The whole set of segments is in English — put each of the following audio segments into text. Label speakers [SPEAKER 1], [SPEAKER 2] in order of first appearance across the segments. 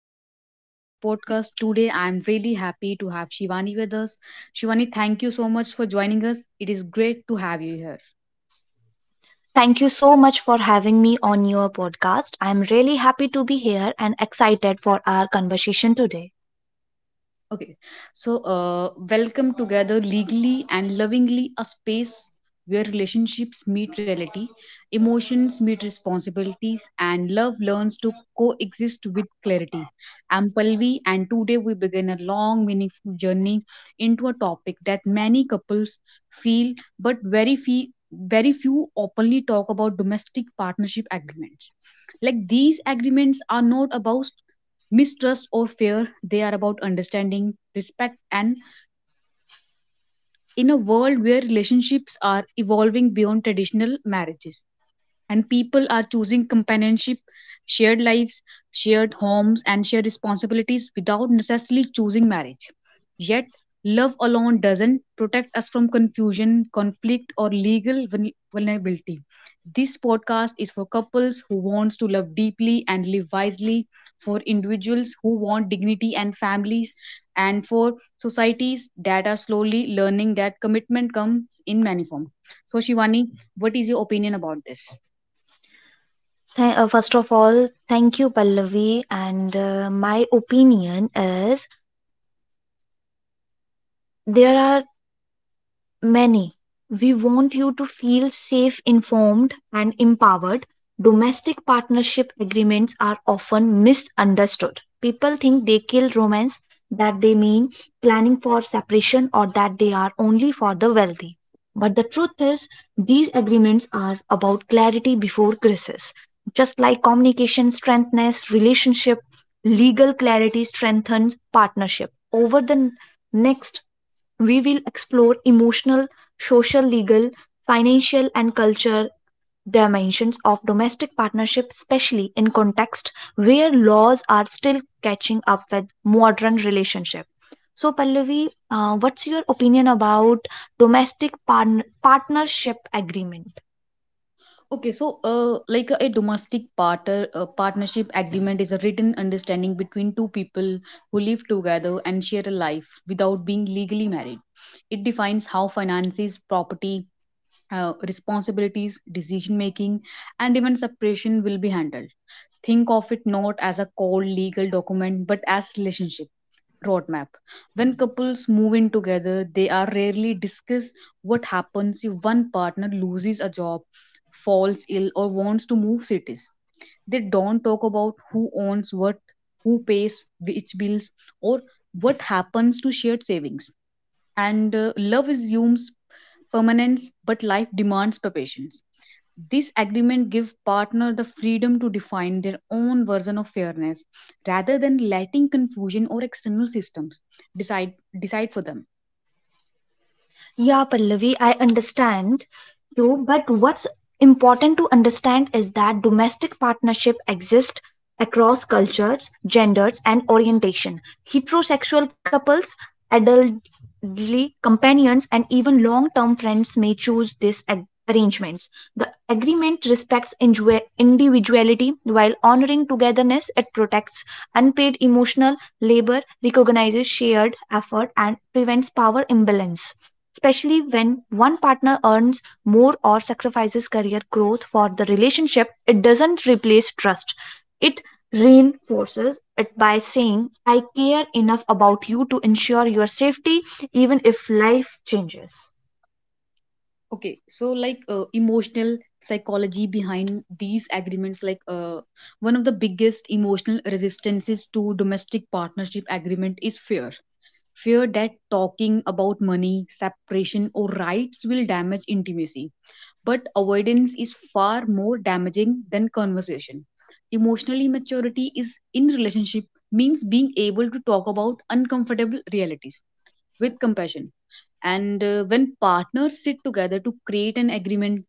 [SPEAKER 1] welcome back to our podcast. Today, I'm really happy to have Shivani with us. Shivani, thank you so much for joining us. It is great to have you here.
[SPEAKER 2] Thank you so much for having me on your podcast. I'm really happy to be here and excited for our conversation today.
[SPEAKER 1] Okay, so welcome together legally and lovingly, a space where relationships meet reality, emotions meet responsibilities, and love learns to coexist with clarity. I'm Palvi, and today we begin a long, meaningful journey into a topic that many couples feel, but very few openly talk about: domestic partnership agreements. Like, these agreements are not about mistrust or fear, they are about understanding, respect, and in a world where relationships are evolving beyond traditional marriages and people are choosing companionship, shared lives, shared homes, and shared responsibilities without necessarily choosing marriage. Yet, love alone doesn't protect us from confusion, conflict, or legal vulnerability. This podcast is for couples who wants to love deeply and live wisely, for individuals who want dignity and families, and for societies that are slowly learning that commitment comes in many forms. So, Shivani, what is your opinion about this?
[SPEAKER 2] First of all, thank you, Pallavi. And my opinion is there are many. We want you to feel safe, informed, and empowered. Domestic partnership agreements are often misunderstood. People think they kill romance, that they mean planning for separation, or that they are only for the wealthy. But the truth is, these agreements are about clarity before crisis. Just like communication strengthens relationship, legal clarity strengthens partnership. Over the next, we will explore emotional, social, legal, financial, and cultural dimensions of domestic partnership, especially in contexts where laws are still catching up with modern relationship. So, Pallavi, what's your opinion about domestic partnership agreement?
[SPEAKER 1] Okay, so like a, domestic partnership agreement is a written understanding between two people who live together and share a life without being legally married. It defines how finances, property, responsibilities, decision making, and even separation will be handled. Think of it not as a cold legal document but as relationship roadmap. When couples move in together, they are rarely discuss what happens if one partner loses a job, falls ill, or wants to move cities. They don't talk about who owns what, who pays which bills, or what happens to shared savings. And Love assumes permanence, but life demands preparation. This agreement give partner the freedom to define their own version of fairness rather than letting confusion or external systems decide decide for them.
[SPEAKER 2] Yeah, Pallavi, I understand you, but what's important to understand is that domestic partnership exists across cultures, genders, and orientation. Heterosexual couples, adultly companions, and even long term friends may choose these arrangements. The agreement respects individuality while honoring togetherness. It protects unpaid emotional labor, recognizes shared effort, and prevents power imbalance especially when one partner earns more or sacrifices career growth for the relationship. It doesn't replace trust, it reinforces it by saying, I care enough about you to ensure your safety even if life changes.
[SPEAKER 1] Okay, so like emotional psychology behind these agreements, like one of the biggest emotional resistances to domestic partnership agreement is fear. Fear that talking about money, separation, or rights will damage intimacy. But avoidance is far more damaging than conversation. Emotional maturity is in relationship means being able to talk about uncomfortable realities with compassion. And When partners sit together to create an agreement,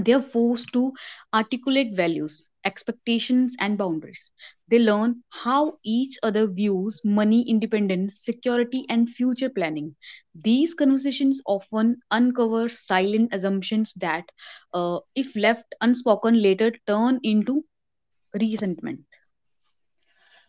[SPEAKER 1] they are forced to articulate values, expectations, and boundaries. They learn how each other views money, independence, security, and future planning. These conversations often uncover silent assumptions that, if left unspoken, later turn into resentment.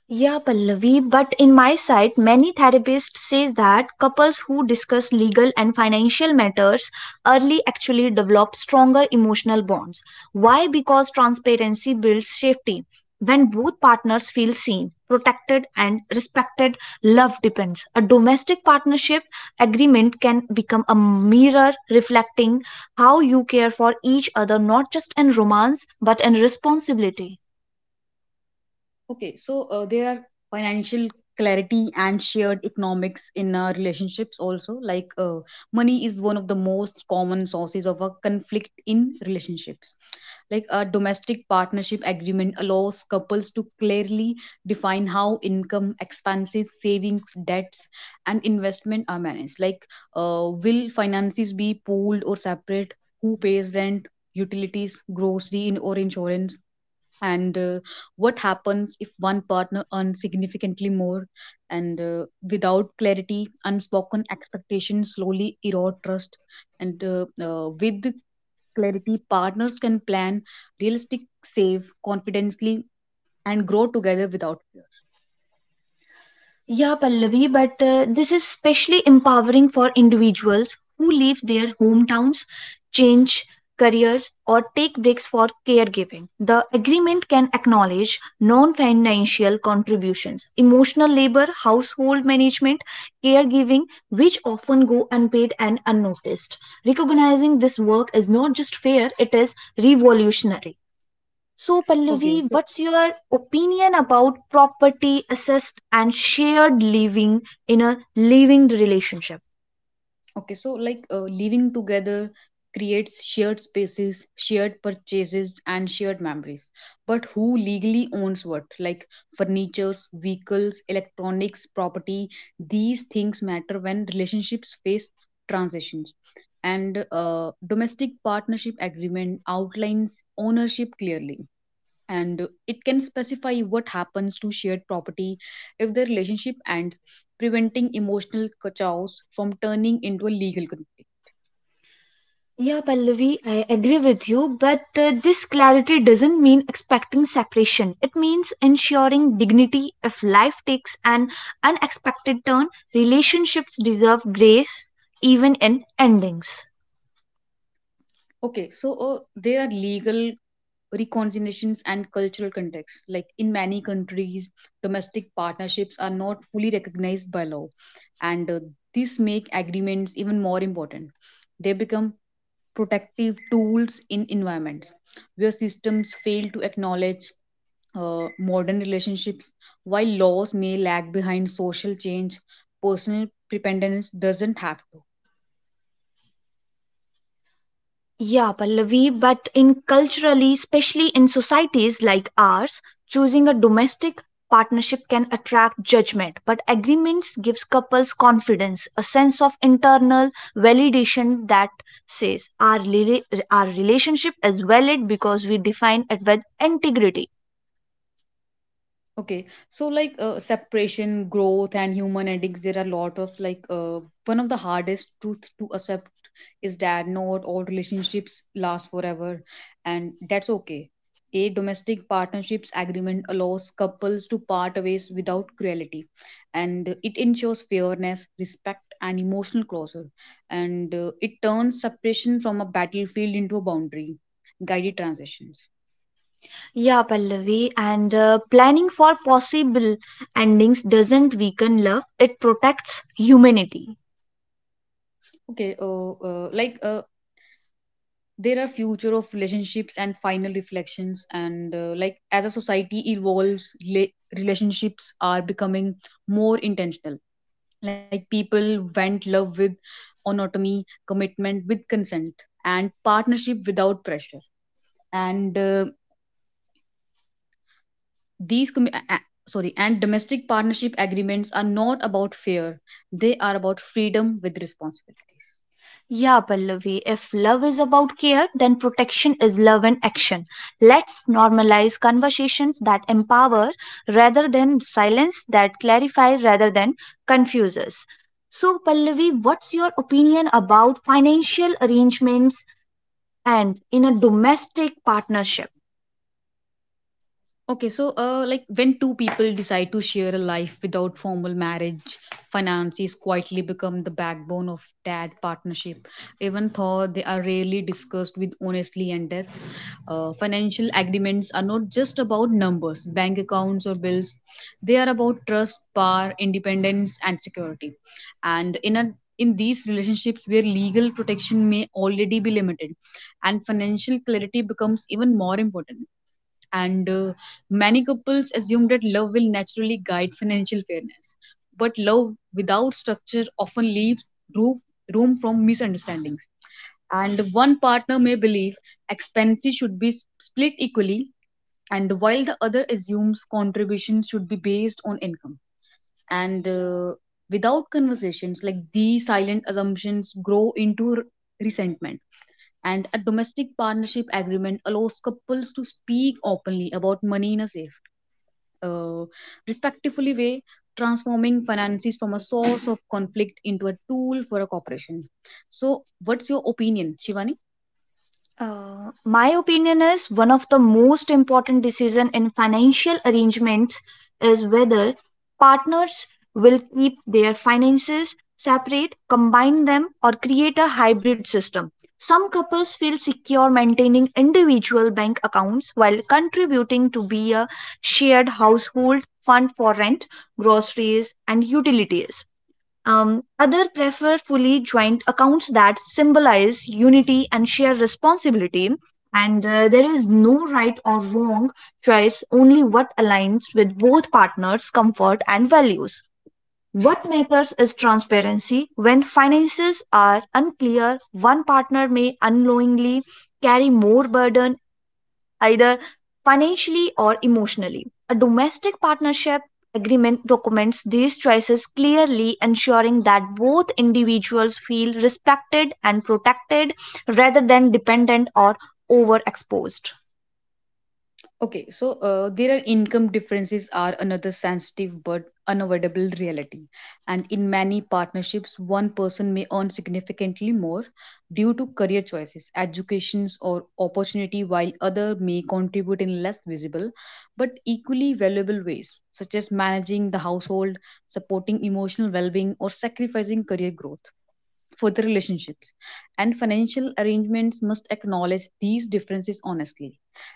[SPEAKER 2] Yeah, Pallavi, but in my side, many therapists say that couples who discuss legal and financial matters early actually develop stronger emotional bonds. Why? Because transparency builds safety. When both partners feel seen, protected, and respected, love depends. A domestic partnership agreement can become a mirror reflecting how you care for each other, not just in romance, but in responsibility.
[SPEAKER 1] Okay, so there are financial clarity and shared economics in relationships also. Like money is one of the most common sources of a conflict in relationships. Like, a domestic partnership agreement allows couples to clearly define how income, expenses, savings, debts, and investment are managed. Like, will finances be pooled or separate? Who pays rent, utilities, grocery in, or insurance? And What happens if one partner earns significantly more? And Without clarity, unspoken expectations slowly erode trust. And With clarity, partners can plan realistic, save confidently, and grow together without fear.
[SPEAKER 2] Yeah, Pallavi, but this is especially empowering for individuals who leave their hometowns, change careers, or take breaks for caregiving. The agreement can acknowledge non financial contributions, emotional labor, household management, caregiving, which often go unpaid and unnoticed. Recognizing this work is not just fair, it is revolutionary. So,
[SPEAKER 1] okay
[SPEAKER 2] Pallavi,
[SPEAKER 1] so
[SPEAKER 2] what's your opinion about property, assist, and shared living in a living relationship?
[SPEAKER 1] Okay, so like living together creates shared spaces, shared purchases, and shared memories. But who legally owns what? Like furnitures, vehicles, electronics, property, these things matter when relationships face transitions. And Domestic partnership agreement outlines ownership clearly, and it can specify what happens to shared property if the relationship ends, preventing emotional chaos from turning into a legal conflict.
[SPEAKER 2] Yeah, Pallavi, I agree with you, but this clarity doesn't mean expecting separation. It means ensuring dignity if life takes an unexpected turn. Relationships deserve grace even in endings.
[SPEAKER 1] Okay, so there are legal reconciliations and cultural contexts. Like in many countries, domestic partnerships are not fully recognized by law, and this make agreements even more important. They become protective tools in environments where systems fail to acknowledge modern relationships. While laws may lag behind social change, personal dependence doesn't have to.
[SPEAKER 2] Yeah, Pallavi, but in culturally, especially in societies like ours, choosing a domestic partnership can attract judgment, but agreements gives couples confidence, a sense of internal validation that says our relationship is valid because we define it with integrity.
[SPEAKER 1] Okay, so like separation, growth, and human endings, there are a lot of one of the hardest truth to accept is that not all relationships last forever, and that's okay. A domestic partnerships agreement allows couples to part ways without cruelty, and it ensures fairness, respect, and emotional closure, and it turns separation from a battlefield into a boundary, guided transitions.
[SPEAKER 2] Yeah, Pallavi, and planning for possible endings doesn't weaken love; it protects humanity.
[SPEAKER 1] Okay, there are future of relationships and final reflections, and like as a society evolves, relationships are becoming more intentional, like people went love with autonomy, commitment with consent, and partnership without pressure. And these commi- a- sorry and domestic partnership agreements are not about fear, they are about freedom with responsibilities.
[SPEAKER 2] Yeah, Pallavi, if love is about care, then protection is love in action. Let's normalize conversations that empower rather than silence, that clarify rather than confuse us. So, Pallavi, what's your opinion about financial arrangements and in a domestic partnership?
[SPEAKER 1] Okay, so like when two people decide to share a life without formal marriage, finances quietly become the backbone of that partnership. Even though they are rarely discussed with honestly and depth, financial agreements are not just about numbers, bank accounts, or bills. They are about trust, power, independence, and security. And in a In these relationships where legal protection may already be limited, and financial clarity becomes even more important. And Many couples assume that love will naturally guide financial fairness, but love without structure often leaves roof, room from misunderstandings, and one partner may believe expenses should be split equally, and while the other assumes contributions should be based on income. And Without conversations like these, silent assumptions grow into resentment, and a domestic partnership agreement allows couples to speak openly about money in a safe, uh, respectfully way, transforming finances from a source of conflict into a tool for a cooperation. So what's your opinion, Shivani?
[SPEAKER 2] My opinion is one of the most important decision in financial arrangements is whether partners will keep their finances separate, combine them, or create a hybrid system. Some couples feel secure maintaining individual bank accounts while contributing to be a shared household fund for rent, groceries, and utilities. Other prefer fully joint accounts that symbolize unity and share responsibility. And there is no right or wrong choice, only what aligns with both partners' comfort and values. What matters is transparency. When finances are unclear, one partner may unknowingly carry more burden, either financially or emotionally. A domestic partnership agreement documents these choices clearly, ensuring that both individuals feel respected and protected rather than dependent or overexposed.
[SPEAKER 1] Okay, so there are income differences are another sensitive but unavoidable reality. And in many partnerships, one person may earn significantly more due to career choices, educations, or opportunity, while other may contribute in less visible but equally valuable ways, such as managing the household, supporting emotional well-being, or sacrificing career growth for the relationships. And financial arrangements must acknowledge these differences honestly.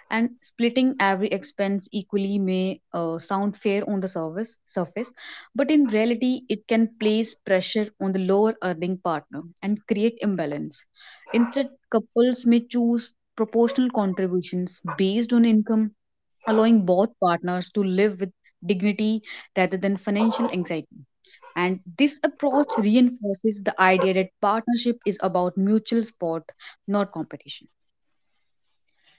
[SPEAKER 1] And splitting every expense equally may sound fair on the service surface, but in reality it can place pressure on the lower earning partner and create imbalance. Instead, couples may choose proportional contributions based on income, allowing both partners to live with dignity rather than financial anxiety. And this approach reinforces the idea that partnership is about mutual support, not competition.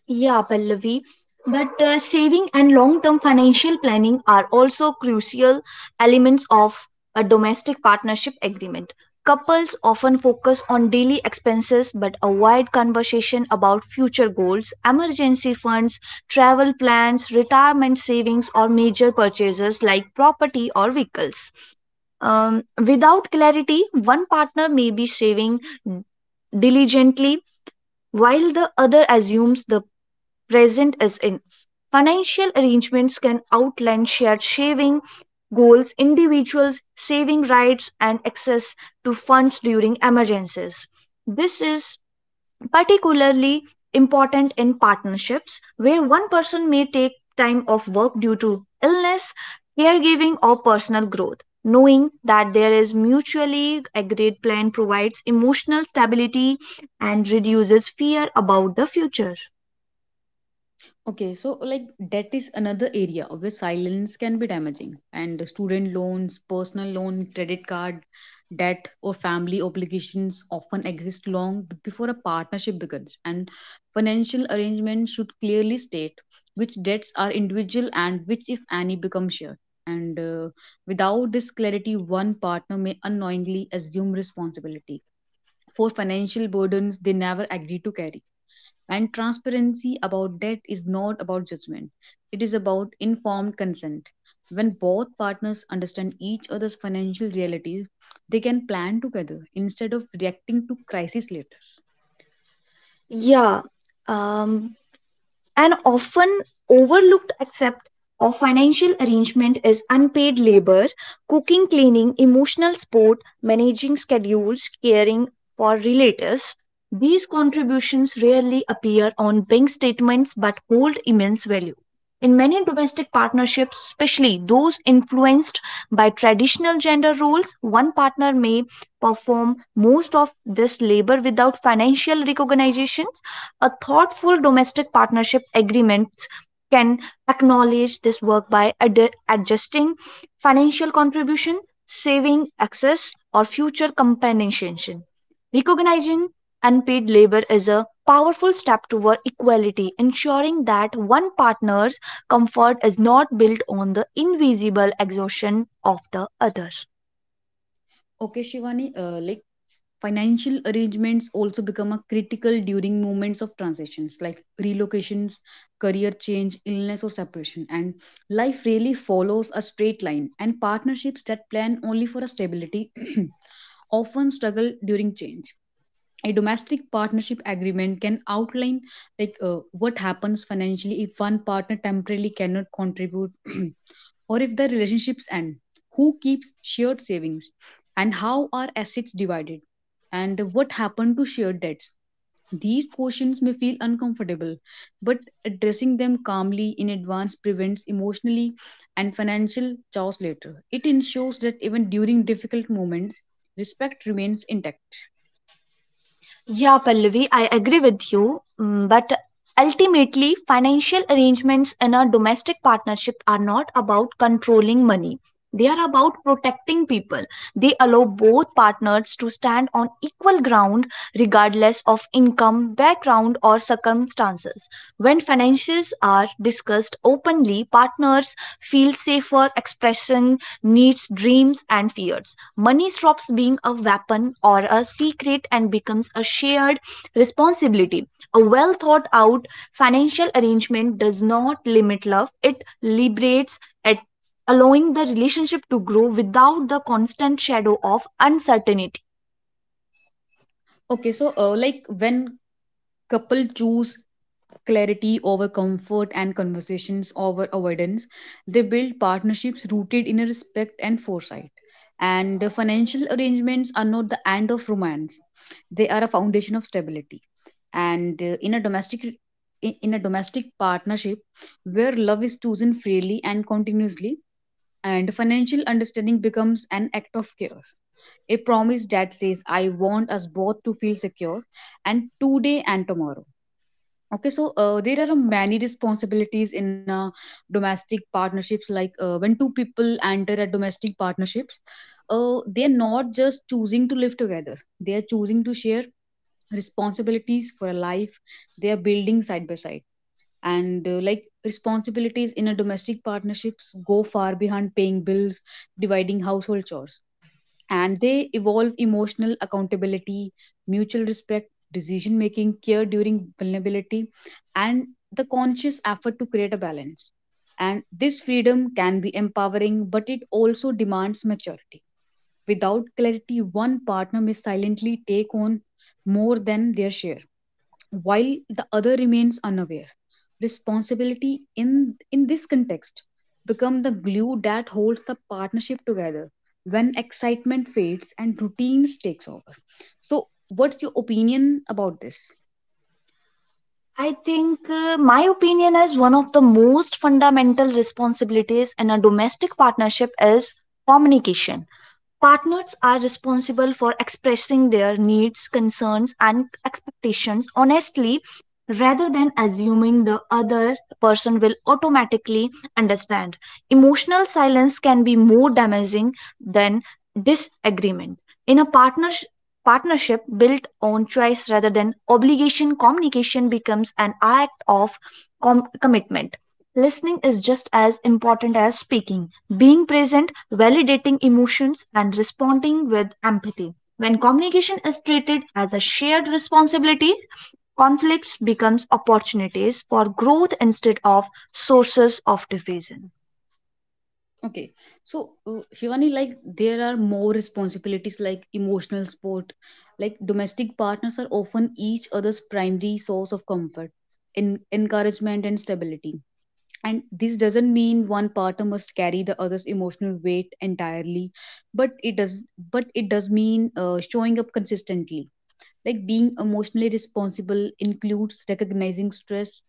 [SPEAKER 2] Yeah, Pallavi. But saving and long term financial planning are also crucial elements of a domestic partnership agreement. Couples often focus on daily expenses but avoid conversation about future goals, emergency funds, travel plans, retirement savings, or major purchases like property or vehicles. Without clarity, one partner may be saving diligently while the other assumes the present as in. Financial arrangements can outline shared saving goals, individuals' saving rights, and access to funds during emergencies. This is particularly important in partnerships where one person may take time off work due to illness, caregiving, or personal growth. Knowing that there is mutually agreed plan provides emotional stability and reduces fear about the future.
[SPEAKER 1] Okay, so like debt is another area where silence can be damaging, and student loans, personal loan, credit card debt, or family obligations often exist long before a partnership begins. And financial arrangements should clearly state which debts are individual and which, if any, become shared. And without this clarity, one partner may unknowingly assume responsibility for financial burdens they never agree to carry. And transparency about debt is not about judgment, it is about informed consent. When both partners understand each other's financial realities, they can plan together instead of reacting to crisis later.
[SPEAKER 2] Yeah, um, an often overlooked aspect of financial arrangement is unpaid labor, cooking, cleaning, emotional support, managing schedules, caring for relatives. These contributions rarely appear on bank statements but hold immense value. In many domestic partnerships, especially those influenced by traditional gender roles, one partner may perform most of this labor without financial recognition. A thoughtful domestic partnership agreements can acknowledge this work by adjusting financial contribution, saving access, or future compensation. Recognizing unpaid labor is a powerful step toward equality, ensuring that one partner's comfort is not built on the invisible exhaustion of the other.
[SPEAKER 1] Okay, Shivani, financial arrangements also become a critical during moments of transitions like relocations, career change, illness, or separation. And life really follows a straight line, and partnerships that plan only for a stability often struggle during change. A domestic partnership agreement can outline, like, what happens financially if one partner temporarily cannot contribute, or if the relationships end, who keeps shared savings, and how are assets divided, and what happened to shared debts. These questions may feel uncomfortable, but addressing them calmly in advance prevents emotionally and financial chaos later. It ensures that even during difficult moments, respect remains intact.
[SPEAKER 2] Yeah, Pallavi, I agree with you. But ultimately, financial arrangements in a domestic partnership are not about controlling money. They are about protecting people. They allow both partners to stand on equal ground regardless of income, background, or circumstances. When finances are discussed openly, partners feel safer expressing needs, dreams, and fears. Money stops being a weapon or a secret and becomes a shared responsibility. A well thought out financial arrangement does not limit love, it liberates it, allowing the relationship to grow without the constant shadow of uncertainty.
[SPEAKER 1] Okay, so like when couple choose clarity over comfort and conversations over avoidance, they build partnerships rooted in a respect and foresight. And the financial arrangements are not the end of romance; they are a foundation of stability. And in a domestic In a domestic partnership where love is chosen freely and continuously, and financial understanding becomes an act of care, a promise that says, I want us both to feel secure and today and tomorrow. Okay, so there are many responsibilities in domestic partnerships. Like when two people enter a domestic partnerships, they are not just choosing to live together; they are choosing to share responsibilities for a life they are building side by side. And Like, responsibilities in a domestic partnerships go far beyond paying bills, dividing household chores, and they evolve emotional accountability, mutual respect, decision making, care during vulnerability, and the conscious effort to create a balance. And this freedom can be empowering, but it also demands maturity. Without clarity, one partner may silently take on more than their share while the other remains unaware. Responsibility in this context become the glue that holds the partnership together when excitement fades and routines takes over. So what's your opinion about this?
[SPEAKER 2] I think my opinion is one of the most fundamental responsibilities in a domestic partnership is communication. Partners are responsible for expressing their needs, concerns, and expectations honestly rather than assuming the other person will automatically understand. Emotional silence can be more damaging than disagreement. In a partnership built on choice rather than obligation, communication becomes an act of commitment. Listening is just as important as speaking, being present, validating emotions, and responding with empathy. When communication is treated as a shared responsibility, conflicts becomes opportunities for growth instead of sources of division.
[SPEAKER 1] Okay, so Shivani, like there are more responsibilities like emotional support. Like, domestic partners are often each other's primary source of comfort, in encouragement, and stability. And this doesn't mean one partner must carry the other's emotional weight entirely, but it does but it does mean showing up consistently. Like, being emotionally responsible includes recognizing stress,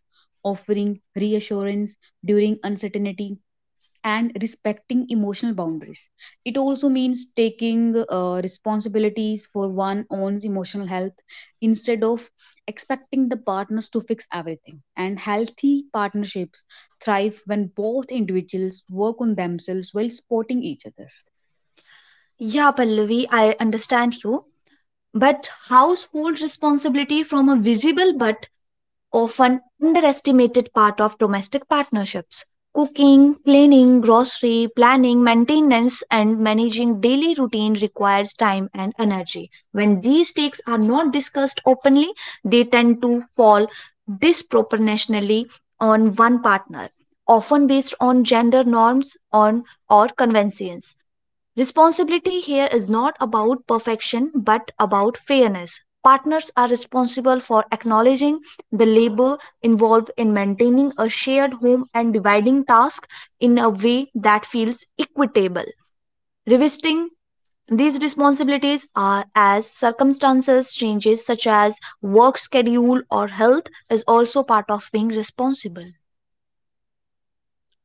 [SPEAKER 1] offering reassurance during uncertainty, and respecting emotional boundaries. It also means taking responsibilities for one own's emotional health instead of expecting the partners to fix everything. And healthy partnerships thrive when both individuals work on themselves while supporting each other.
[SPEAKER 2] Yeah, Pallavi, I understand you. But household responsibility from a visible but often underestimated part of domestic partnerships. Cooking, cleaning, grocery planning, maintenance, and managing daily routine requires time and energy. When these takes are not discussed openly, they tend to fall disproportionately on one partner, often based on gender norms on or conventions. Responsibility here is not about perfection but about fairness. Partners are responsible for acknowledging the labor involved in maintaining a shared home and dividing tasks in a way that feels equitable. Revisiting these responsibilities are as circumstances changes such as work schedule or health is also part of being responsible.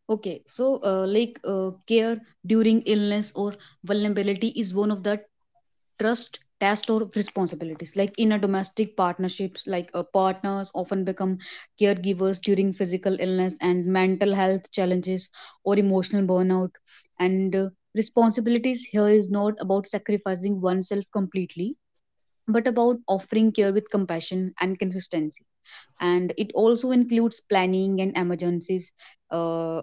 [SPEAKER 1] Okay, so care during illness or vulnerability is one of the trust test or responsibilities, like in a domestic partnerships. Like partners often become caregivers during physical illness and mental health challenges or emotional burnout. And Responsibilities here is not about sacrificing oneself completely, but about offering care with compassion and consistency. And it also includes planning and emergencies, uh,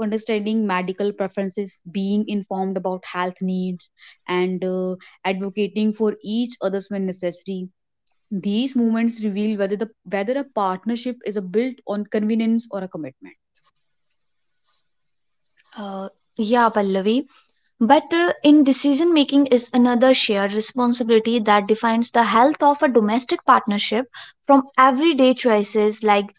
[SPEAKER 1] understanding medical preferences, being informed about health needs, and advocating for each others when necessary. These movements reveal whether a partnership is a built on convenience or a commitment.
[SPEAKER 2] Uh, yeah, Pallavi. But in decision making is another shared responsibility that defines the health of a domestic partnership, from everyday choices like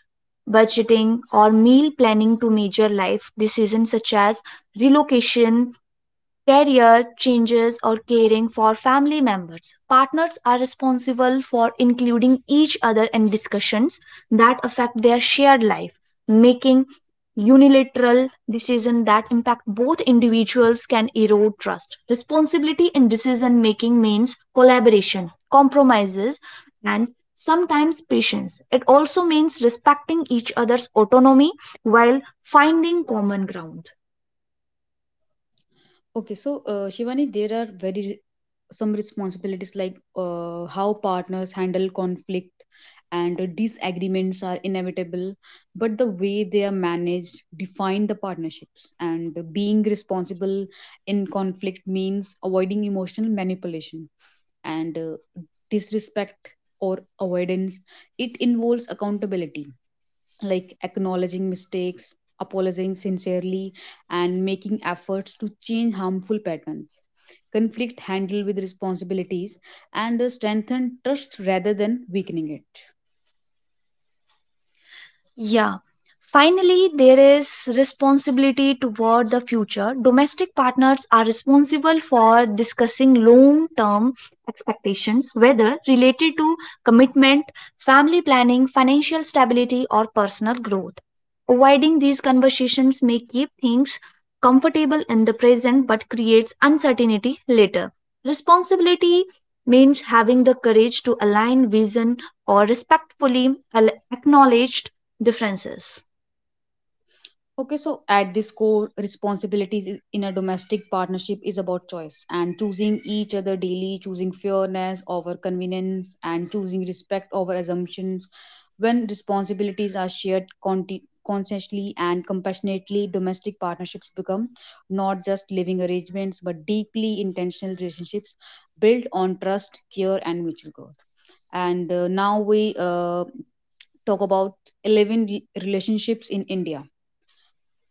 [SPEAKER 2] budgeting or meal planning to major life decisions such as relocation, career changes, or caring for family members. Partners are responsible for including each other in discussions that affect their shared life. Making unilateral decisions that impact both individuals can erode trust. Responsibility in decision making means collaboration, compromises, and sometimes patience. It also means respecting each other's autonomy while finding common ground.
[SPEAKER 1] Okay, so Shivani, there are very some responsibilities like how partners handle conflict. And Disagreements are inevitable, but the way they are managed define the partnerships. And Being responsible in conflict means avoiding emotional manipulation and disrespect or avoidance. It involves accountability, like acknowledging mistakes, apologizing sincerely, and making efforts to change harmful patterns. Conflict handled with responsibilities and strengthen trust rather than weakening it.
[SPEAKER 2] Yeah. Finally, there is responsibility toward the future. Domestic partners are responsible for discussing long term expectations, whether related to commitment, family planning, financial stability, or personal growth. Avoiding these conversations may keep things comfortable in the present but creates uncertainty later. Responsibility means having the courage to align vision or respectfully acknowledge differences.
[SPEAKER 1] Okay, so at this core, responsibilities in a domestic partnership is about choice, and choosing each other daily, choosing fairness over convenience, and choosing respect over assumptions. When responsibilities are shared consciously and compassionately, domestic partnerships become not just living arrangements but deeply intentional relationships built on trust, care, and mutual growth. And now we uh, talk about 11 relationships in India.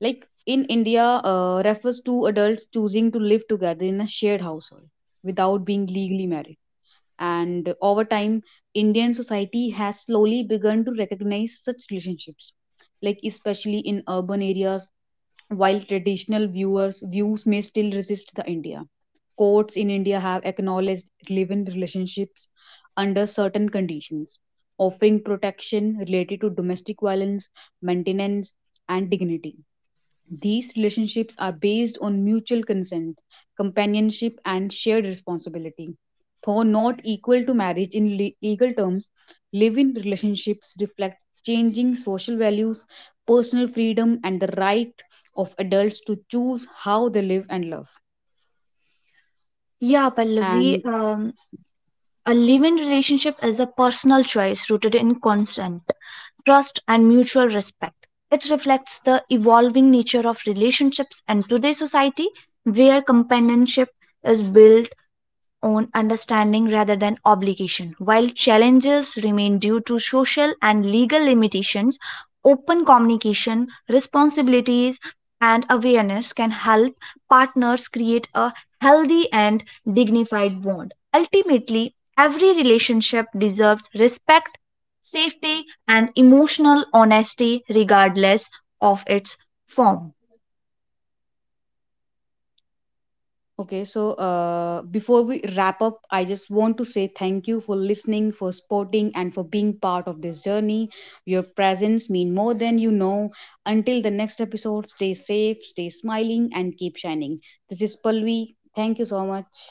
[SPEAKER 1] Like in India, refers to adults choosing to live together in a shared household without being legally married. And over time, Indian society has slowly begun to recognize such relationships, like especially in urban areas, while traditional viewers views may still resist the India. Courts in India have acknowledged live-in relationships under certain conditions, offering protection related to domestic violence, maintenance, and dignity. These relationships are based on mutual consent, companionship, and shared responsibility. Though not equal to marriage in legal terms, live in relationships reflect changing social values, personal freedom, and the right of adults to choose how they live and love.
[SPEAKER 2] Yeah,
[SPEAKER 1] And
[SPEAKER 2] Pallavi, a live-in relationship is a personal choice rooted in consent, trust, and mutual respect. It reflects the evolving nature of relationships and today's society, where companionship is built own understanding rather than obligation. While challenges remain due to social and legal limitations, open communication, responsibilities, and awareness can help partners create a healthy and dignified bond. Ultimately, every relationship deserves respect, safety, and emotional honesty, regardless of its form.
[SPEAKER 1] Okay, so before we wrap up, I just want to say thank you for listening, for supporting, and for being part of this journey. Your presence mean more than you know. Until the next episode, stay safe, stay smiling, and keep shining. This is Palvi. Thank you so much.